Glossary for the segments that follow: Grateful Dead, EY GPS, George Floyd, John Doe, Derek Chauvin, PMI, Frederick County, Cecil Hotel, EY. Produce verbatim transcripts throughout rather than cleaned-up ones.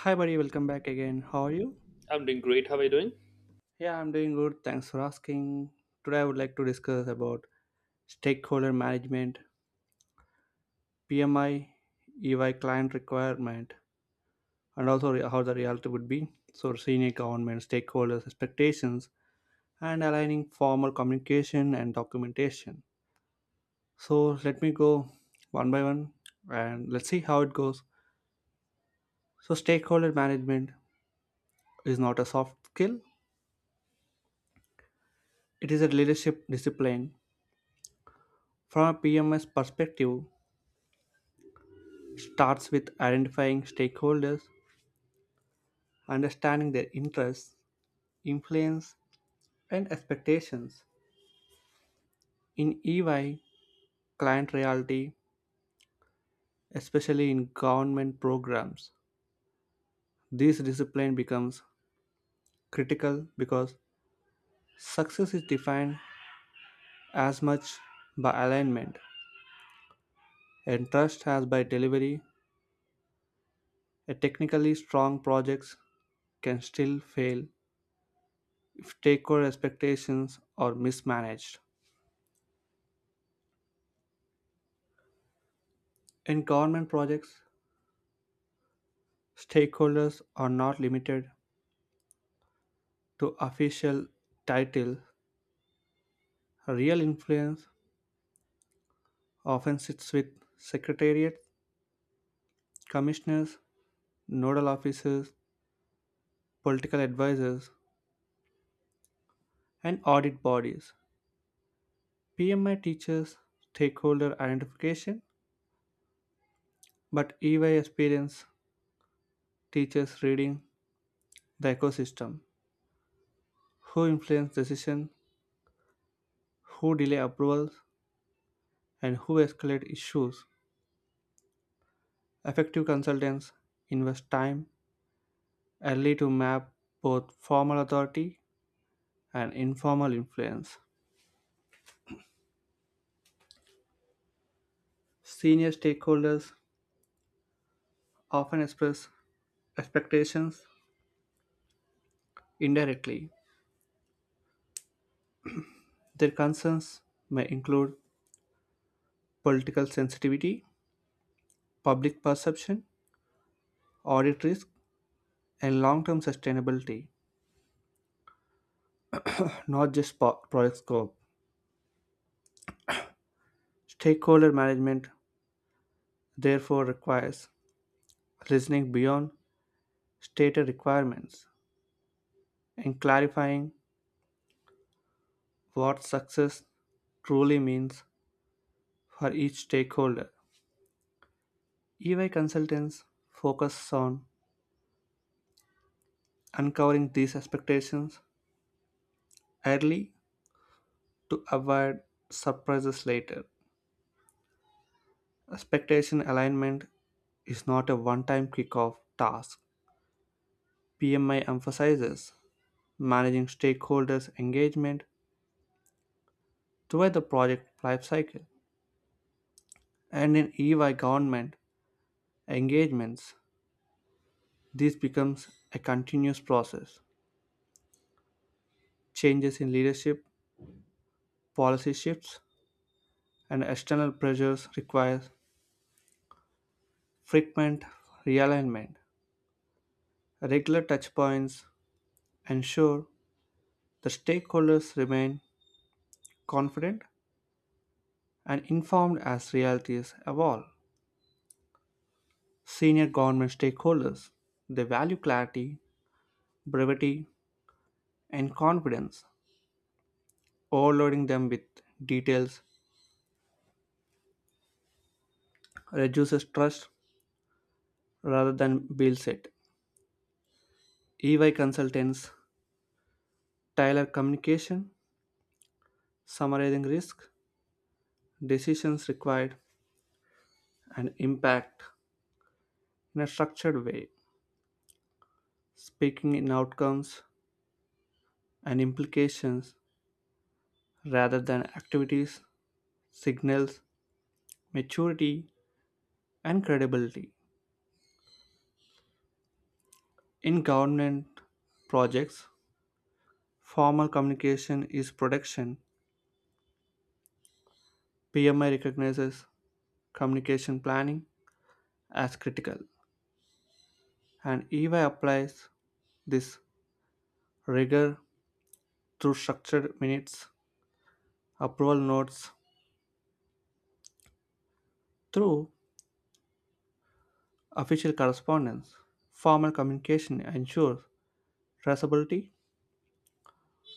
Hi, buddy. Welcome back again. How are you? I'm doing great. How are you doing? Yeah, I'm doing good. Thanks for asking. Today, I would like to discuss about stakeholder management, P M I, E Y client requirement, and also re- how the reality would be. So, senior government stakeholders' expectations and aligning formal communication and documentation. So, let me go one by one and let's see how it goes. So, stakeholder management is not a soft skill, it is a leadership discipline. From a P M S perspective, it starts with identifying stakeholders, understanding their interests, influence, and expectations. In E Y, client reality, especially in government programs, this discipline becomes critical because success is defined as much by alignment and trust as by delivery. A technically strong projects can still fail if stakeholder expectations are mismanaged. In government projects, stakeholders are not limited to official titles. Real influence often sits with secretariats, commissioners, nodal officers, political advisors, and audit bodies. P M I teaches stakeholder identification, but E Y experience teaches reading the ecosystem, who influence decisions, who delay approvals, and who escalate issues. Effective consultants invest time early to map both formal authority and informal influence. Senior stakeholders often express expectations indirectly. Their concerns may include political sensitivity, public perception, audit risk, and long term sustainability, not just po- project scope. Stakeholder management therefore requires listening beyond stated requirements and clarifying what success truly means for each stakeholder. E Y consultants focus on uncovering these expectations early to avoid surprises later. Expectation alignment is not a one time kickoff task. P M I emphasizes managing stakeholders' engagement throughout the project lifecycle. And in E Y government engagements, this becomes a continuous process. Changes in leadership, policy shifts, and external pressures require frequent realignment. Regular touchpoints ensure the stakeholders remain confident and informed as realities evolve. Senior government stakeholders they value clarity, brevity, and confidence. Overloading them with details reduces trust rather than builds it. E Y consultants tailor communication, summarizing risk, decisions required, and impact in a structured way, speaking in outcomes and implications rather than activities, signals, maturity, and credibility. In government projects, formal communication is protection. P M I recognizes communication planning as critical, and E Y applies this rigor through structured minutes, approval notes, through official correspondence. Formal communication ensures traceability,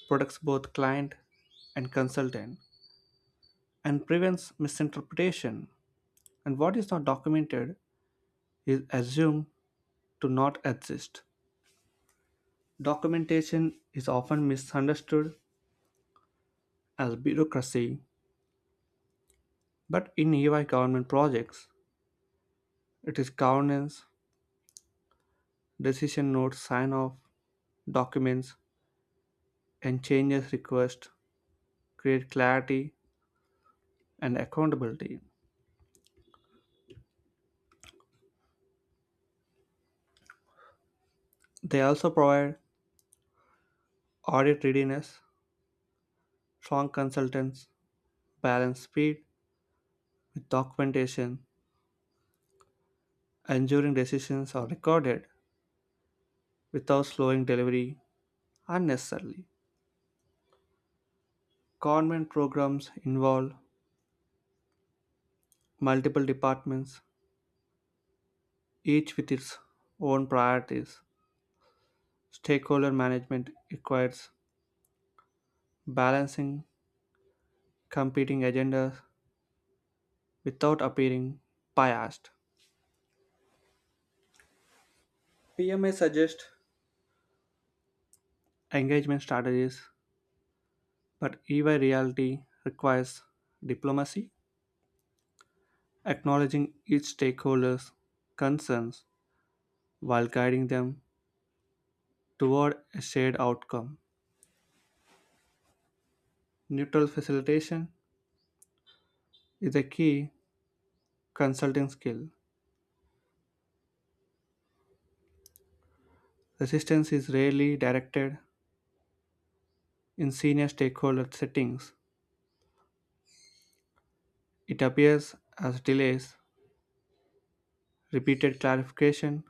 protects both client and consultant, and prevents misinterpretation. And what is not documented is assumed to not exist. Documentation is often misunderstood as bureaucracy, but in E Y government projects, it is governance. Decision notes, sign off, documents, and changes request create clarity and accountability. They also provide audit readiness. Strong consultants balance speed with documentation, ensuring decisions are recorded without slowing delivery unnecessarily. Government programs involve multiple departments, each with its own priorities. Stakeholder management requires balancing competing agendas without appearing biased. P M A suggests engagement strategies, but E Y reality requires diplomacy, acknowledging each stakeholder's concerns while guiding them toward a shared outcome. Neutral facilitation is a key consulting skill. Resistance is rarely directed in senior stakeholder settings. It appears as delays, repeated clarification,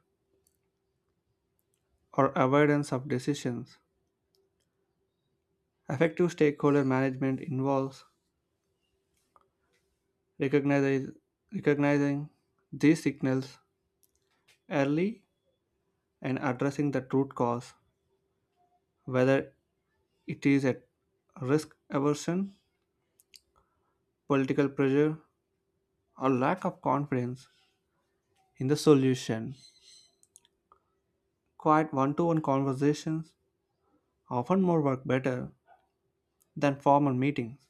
or avoidance of decisions. Effective stakeholder management involves recognize- recognizing these signals early and addressing the root cause, whether it is a risk aversion, political pressure, or lack of confidence in the solution. Quiet one to one conversations often more work better than formal meetings.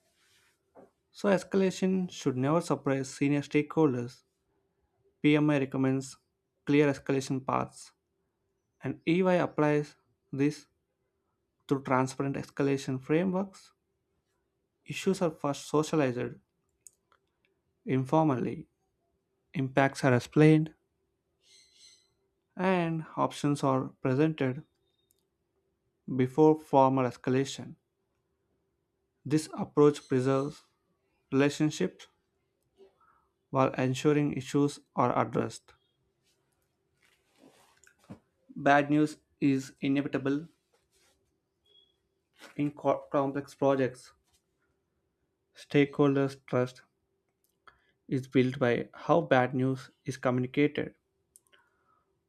So, escalation should never surprise senior stakeholders. P M I recommends clear escalation paths, and E Y applies this through transparent escalation frameworks. Issues are first socialized informally, impacts are explained, and options are presented before formal escalation. This approach preserves relationships while ensuring issues are addressed. Bad news is inevitable in co- complex projects. Stakeholders' trust is built by how bad news is communicated,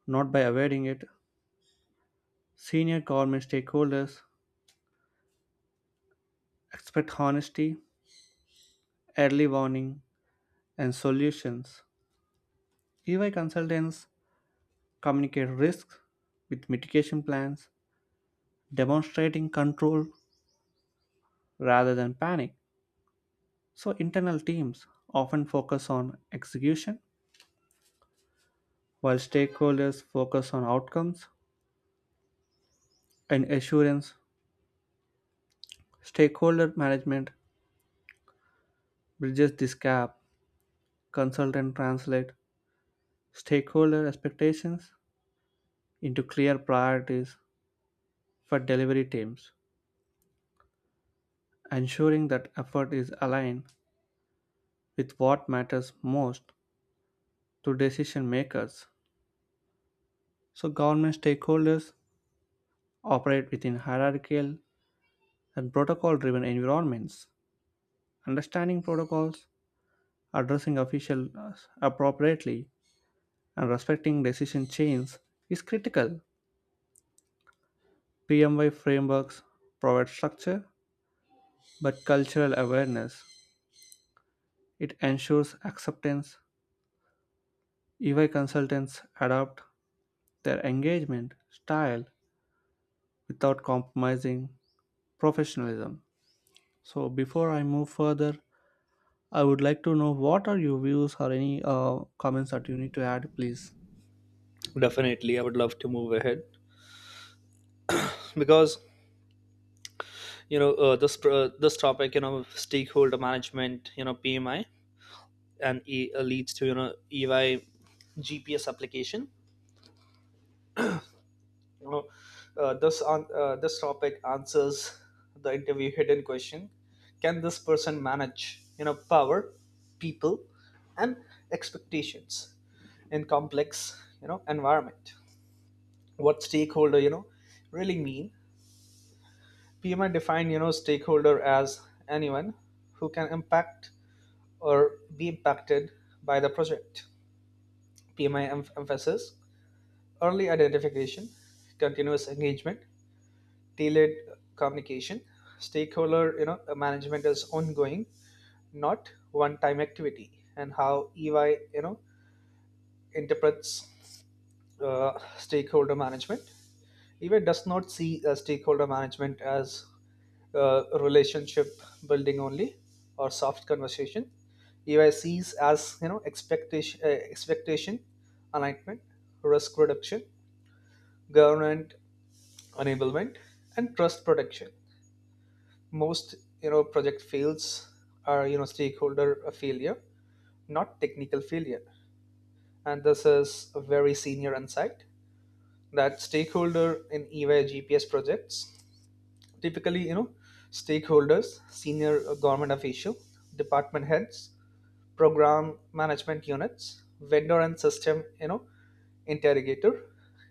not by avoiding it. Senior government stakeholders expect honesty, early warning, and solutions. E Y consultants communicate risks with mitigation plans, demonstrating control rather than panic. So, internal teams often focus on execution, while stakeholders focus on outcomes and assurance. Stakeholder management bridges this gap. Consultant translate stakeholder expectations into clear priorities for delivery teams, ensuring that effort is aligned with what matters most to decision makers. So, government stakeholders operate within hierarchical and protocol driven environments. Understanding protocols, addressing officials appropriately, and respecting decision chains is critical. P M Y frameworks provide structure but cultural awareness. It ensures acceptance. E Y consultants adapt their engagement style without compromising professionalism. So, before I move further, I would like to know what are your views or any uh, comments that you need to add, please. Definitely, I would love to move ahead because you know uh, this pr- uh, this topic, you know, stakeholder management, you know, P M I, and e- uh, leads to you know E Y G P S application. You know, uh, this on uh, this topic answers the interview hidden question: can this person manage you know power, people, and expectations in complex you know environment? What stakeholder you know really mean? P M I might you know stakeholder as anyone who can impact or be impacted by the project. Pmi em- emphasis early identification, continuous engagement, tailored communication. Stakeholder you know management is ongoing, not one time activity. And how ey you know interprets uh, stakeholder management, eBay does not see uh, stakeholder management as uh, relationship building only or soft conversation. E Y sees as you know expectation, uh, expectation alignment, risk reduction, government enablement, and trust protection. Most you know project fails are you know stakeholder failure, not technical failure. And this is a very senior insight that stakeholder in E Y G P S projects, typically you know stakeholders, senior uh, government official, department heads, program management units, vendor, and system you know interrogator,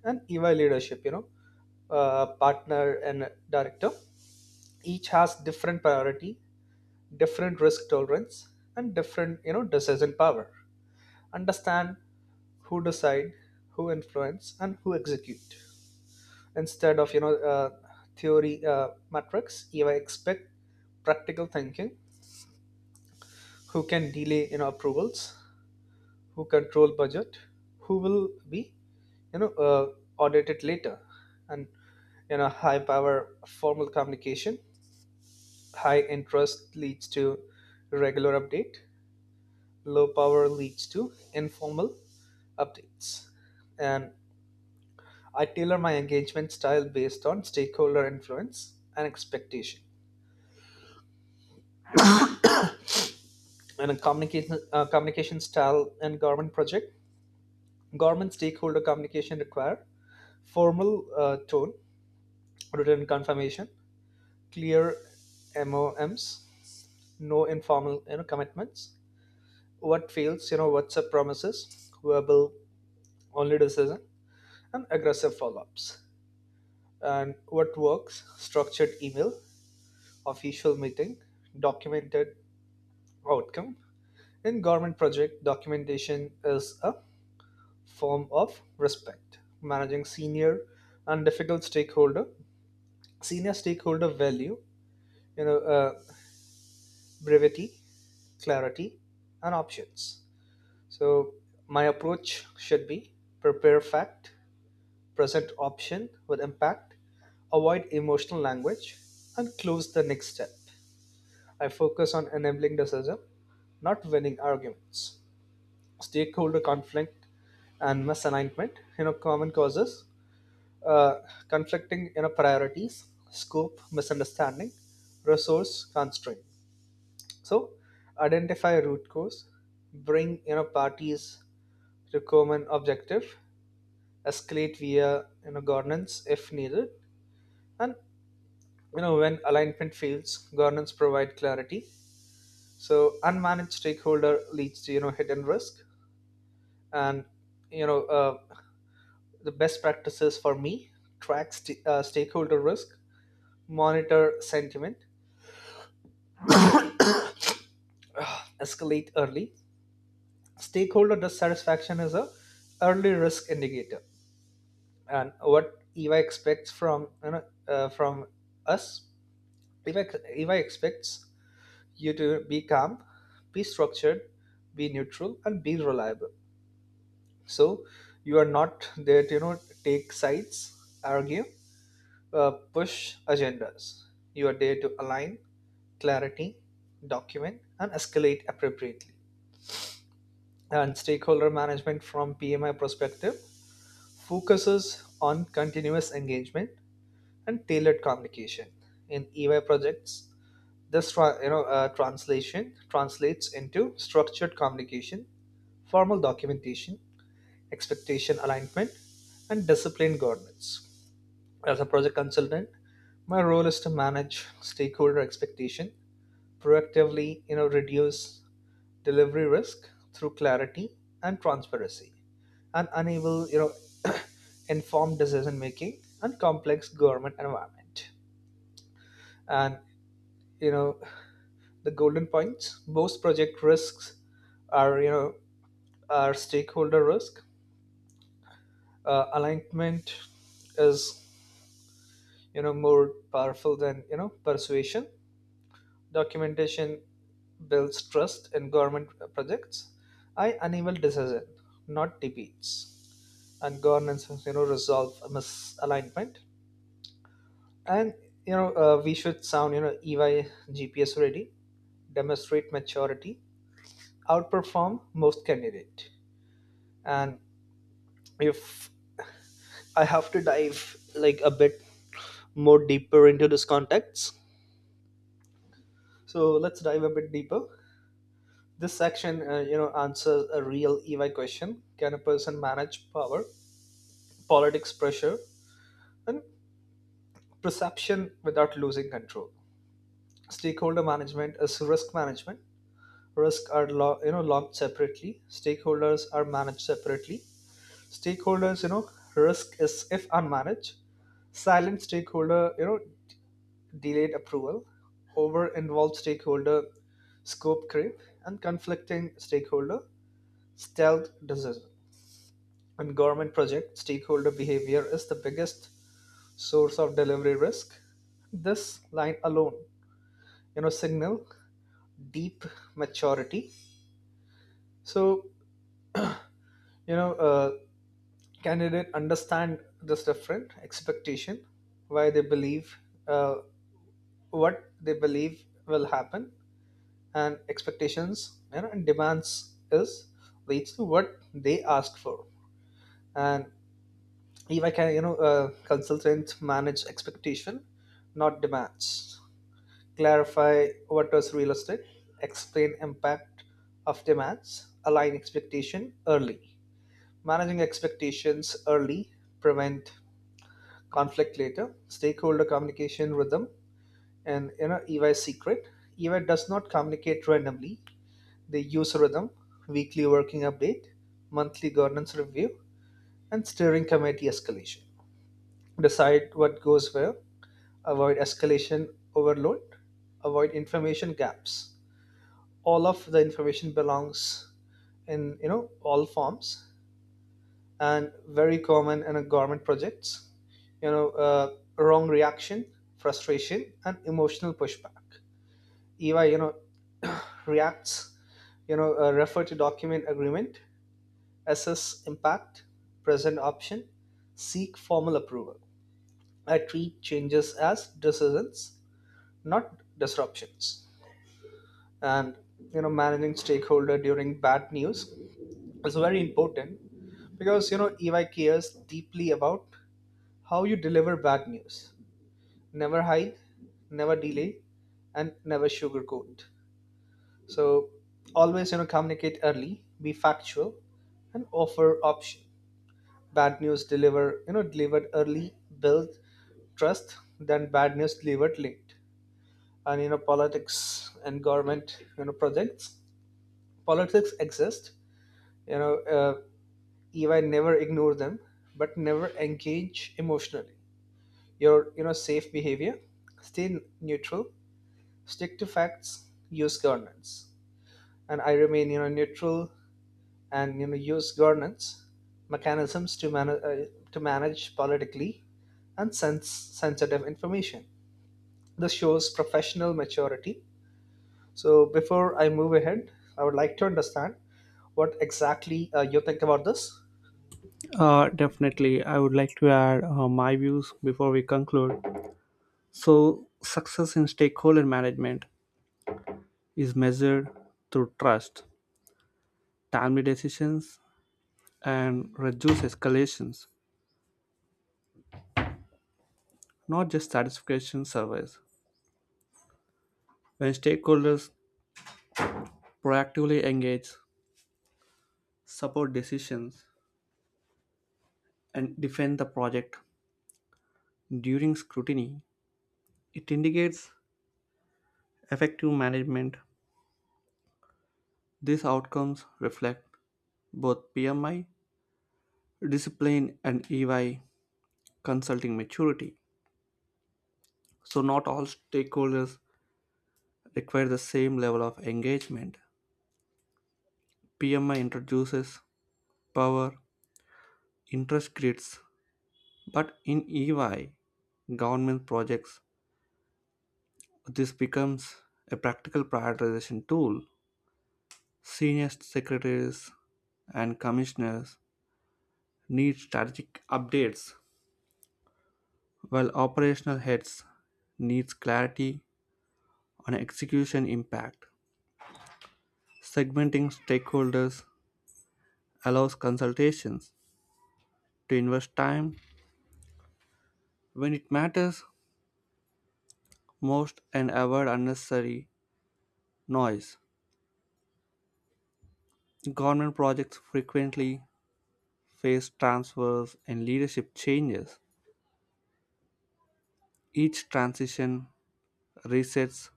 and EY leadership, you know uh, partner and director, each has different priority, different risk tolerance, and different you know decision power. Understand who decide, who influence, and who execute, instead of you know uh, theory uh, metrics. You expect practical thinking: who can delay you know approvals, who control budget, who will be you know uh, audited later. And you know high power, formal communication; high interest leads to regular update; low power leads to informal updates. And I tailor my engagement style based on stakeholder influence and expectation, and a communication uh, communication style. And government project, government stakeholder communication require formal uh, tone, written confirmation, clear moms, no informal you know commitments. What fails: you know what's up promises, verbal only decision, and aggressive follow-ups. And what works: structured email, official meeting, documented outcome. In government project, documentation is a form of respect. Managing senior and difficult stakeholder, senior stakeholder value, you know, uh, brevity, clarity, and options. So my approach should be: prepare fact, present option with impact, avoid emotional language, and close the next step. I focus on enabling decision, not winning arguments. Stakeholder conflict and misalignment, you know, common causes: uh, conflicting you know priorities, scope misunderstanding, resource constraint. So identify root cause, bring you know parties to common objective, escalate via you know governance if needed. And you know when alignment fails, governance provide clarity. So unmanaged stakeholder leads to you know hidden risk. And you know uh, the best practices for me: track st- uh, stakeholder risk, monitor sentiment, escalate early. Stakeholder dissatisfaction is a early risk indicator, and what E Y expects from you know uh, from us, E Y expects you to be calm, be structured, be neutral, and be reliable. So you are not there to you know take sides, argue, uh, push agendas. You are there to align, clarity, document, and escalate appropriately. And stakeholder management from P M I perspective focuses on continuous engagement and tailored communication. In E Y projects, this tra- you know uh, translation translates into structured communication, formal documentation, expectation alignment, and disciplined governance. As a project consultant, my role is to manage stakeholder expectation proactively, you know reduce delivery risk through clarity and transparency, and enable you know informed decision making and complex government environment. And you know the golden points: most project risks are you know are stakeholder risk. Uh, alignment is you know more powerful than you know persuasion. Documentation builds trust in government projects. I enable decision, not debates. And governance you know resolve misalignment. And you know uh, we should sound you know EY GPS ready, demonstrate maturity, outperform most candidate. And if I have to dive like a bit more deeper into this context, so let's dive a bit deeper. This section uh, you know answers a real EY question: can a person manage power, politics, pressure, and perception without losing control? Stakeholder management is risk management. Risk are lo- you know logged separately, stakeholders are managed separately. Stakeholders you know risk is if unmanaged, silent stakeholder, you know delayed approval, over involved stakeholder, scope creep, and conflicting stakeholder, stealth decision. In government project, stakeholder behavior is the biggest source of delivery risk. This line alone you know signal deep maturity. So you know uh, candidate understand this different expectation: why they believe uh, what they believe will happen. And expectations, you know, and demands, is leads to what they ask for. And if I can, you know uh, consultant manage expectation, not demands, clarify what is realistic, explain impact of demands, align expectation early. Managing expectations early prevent conflict later. Stakeholder communication rhythm and you know E Y secret: E Y does not communicate randomly. They use rhythm: weekly working update, monthly governance review, and steering committee escalation. Decide what goes where, avoid escalation overload, avoid information gaps. All of the information belongs in you know all forms. And very common in a government projects, you know uh, wrong reaction, frustration, and emotional pushback. EY you know reacts: you know uh, refer to document agreement, assess impact, present option, seek formal approval. I treat changes as decisions, not disruptions. And you know managing stakeholder during bad news is very important, because you know EY cares deeply about how you deliver bad news. Never hide, never delay, and never sugarcoat. So always, you know, communicate early, be factual, and offer option. Bad news deliver, you know, delivered early, build trust than bad news delivered late. And you know, politics and government, you know, projects: politics exist. You know, uh, E Y never ignore them, but never engage emotionally. Your you know safe behavior: stay neutral, stick to facts, use governance. And I remain you know neutral and you know use governance mechanisms to manage uh, to manage politically and sense sensitive information. This shows professional maturity. So before I move ahead, I would like to understand what exactly uh, you think about this. Uh, definitely, I would like to add uh, my views before we conclude. So, success in stakeholder management is measured through trust, timely decisions, and reduced escalations, not just satisfaction surveys. When stakeholders proactively engage, support decisions, and defend the project during scrutiny, it indicates effective management. These outcomes reflect both P M I discipline and E Y consulting maturity. So, not all stakeholders require the same level of engagement. P M I introduces power interest grids, but in E Y government projects, this becomes a practical prioritization tool. Senior secretaries and commissioners need strategic updates, while operational heads needs clarity on execution impact. Segmenting stakeholders allows consultations to invest time when it matters most and avoid unnecessary noise. Government projects frequently face transfers and leadership changes. Each transition resets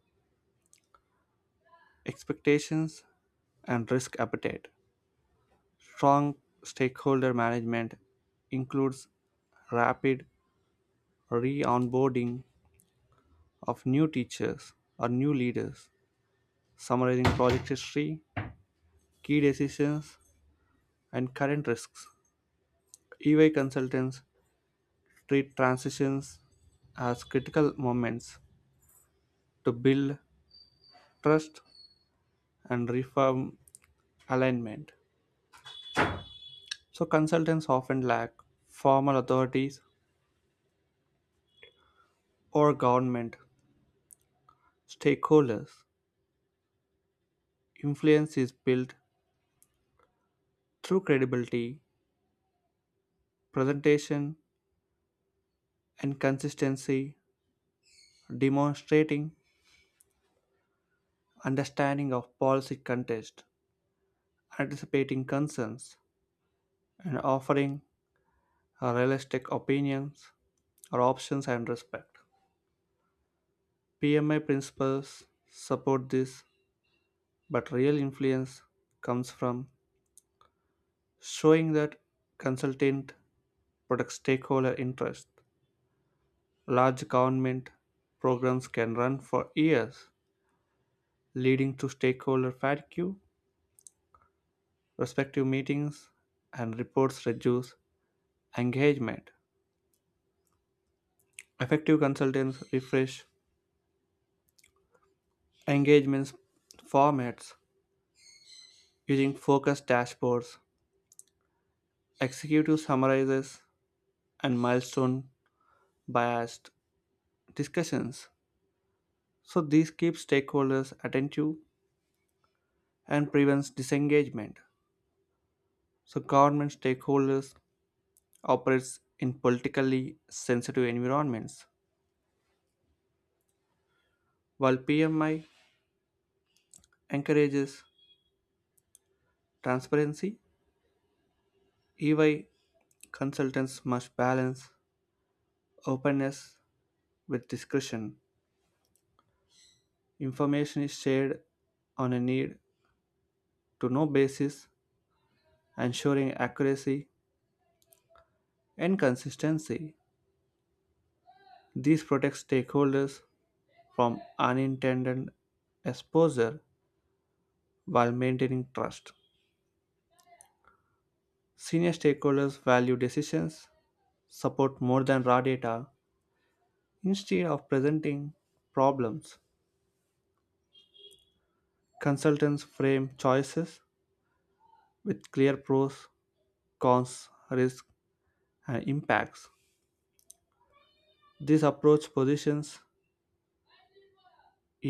expectations and risk appetite. Strong stakeholder management includes rapid re onboarding of new teachers or new leaders, summarizing project history, key decisions, and current risks. E Y consultants treat transitions as critical moments to build trust and reform alignment. So, consultants often lack formal authorities or government stakeholders. Influence is built through credibility, presentation, and consistency, demonstrating understanding of policy context, anticipating concerns, and offering uh, realistic opinions or options and respect. P M I principles support this, but real influence comes from showing that consultant protects stakeholder interest. Large government programs can run for years, leading to stakeholder fatigue. Respective meetings and reports reduce engagement. Effective consultants refresh engagements formats using focus dashboards, executive summarizes, and milestone biased discussions. So these keep stakeholders attentive and prevents disengagement. So government stakeholders operates in politically sensitive environments, while P M I encourages transparency. E Y consultants must balance openness with discretion. Information is shared on a need to know basis, ensuring accuracy and consistency. These protect stakeholders from unintended exposure while maintaining trust. Senior stakeholders value decisions support more than raw data. Instead of presenting problems, consultants frame choices with clear pros, cons, risks, and impacts. This approach positions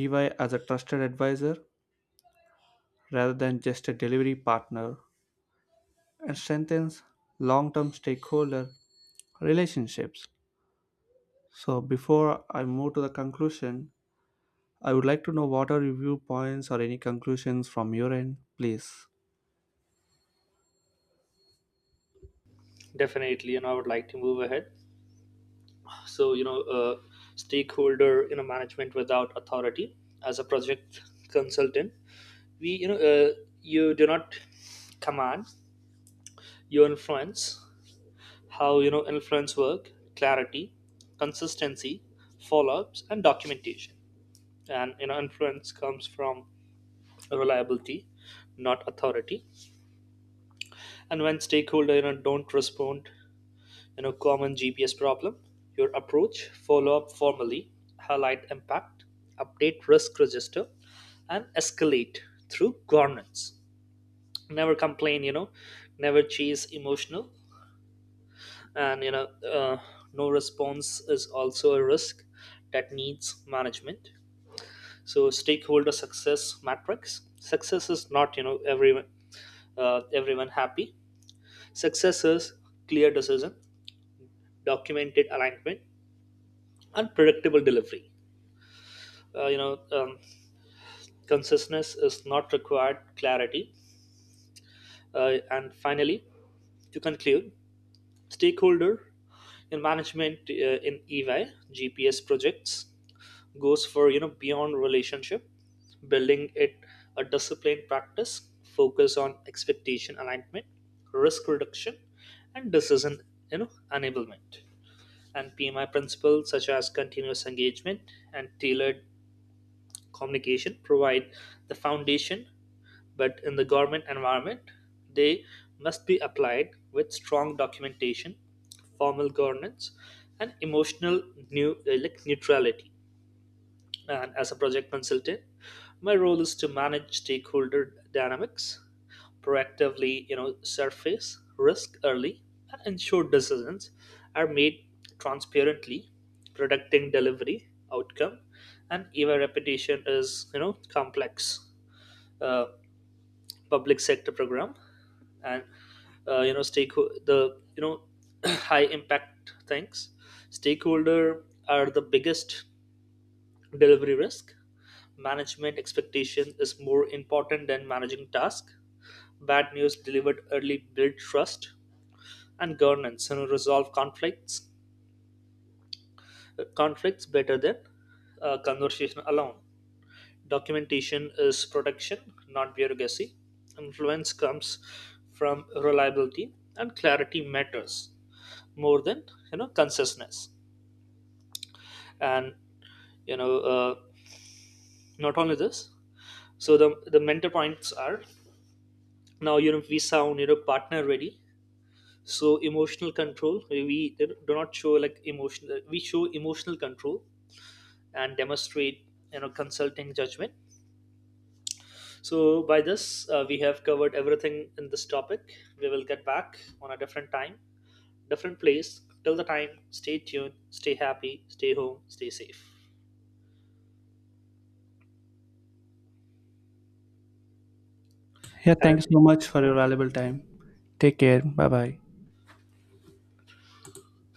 E Y as a trusted advisor rather than just a delivery partner and strengthens long term stakeholder relationships. So, before I move to the conclusion, I would like to know what are your viewpoints or any conclusions from your end, please. Definitely, you know, I would like to move ahead. So you know uh, stakeholder you know management without authority: as a project consultant, we you know uh, you do not command, you influence. How you know influence work: clarity, consistency, follow-ups, and documentation. And you know influence comes from reliability, not authority. And when stakeholder you know don't respond in a common G P S problem, your approach: follow up formally, highlight impact, update risk register, and escalate through governance. Never complain, you know, never chase emotional. And you know, uh, no response is also a risk that needs management. So, stakeholder success matrix. Success is not, you know, everyone uh, everyone happy. Success is clear decision, documented alignment, and predictable delivery. uh, you know um, Consciousness is not required, clarity. Uh, and finally, to conclude, stakeholder in management uh, in EY GPS projects goes for you know beyond relationship building. It a disciplined practice, focus on expectation alignment, risk reduction, and decision, you know enablement. And PMI principles such as continuous engagement and tailored communication provide the foundation. But in the government environment, they must be applied with strong documentation, formal governance, and emotional new, uh, like neutrality. And as a project consultant, my role is to manage stakeholder dynamics proactively, you know, surface risk early, and ensure decisions are made transparently, protecting delivery outcome and even reputation is, you know, complex uh, public sector program. And uh, you know stake the you know high impact things: stakeholder are the biggest delivery risk, management expectation is more important than managing task, bad news delivered early build trust, and governance and resolve conflicts conflicts better than uh, conversation alone, documentation is protection not bureaucracy, influence comes from reliability, and clarity matters more than you know consciousness. And you know uh, not only this. So the the mentor points are, now you know we sound you know partner ready. So emotional control: we do not show like emotional, we show emotional control and demonstrate you know consulting judgment. So by this, uh, we have covered everything in this topic. We will get back on a different time, different place. Till the time, stay tuned, stay happy, stay home, stay safe. Yeah, thank you so And much for your valuable time. Take care. Bye bye.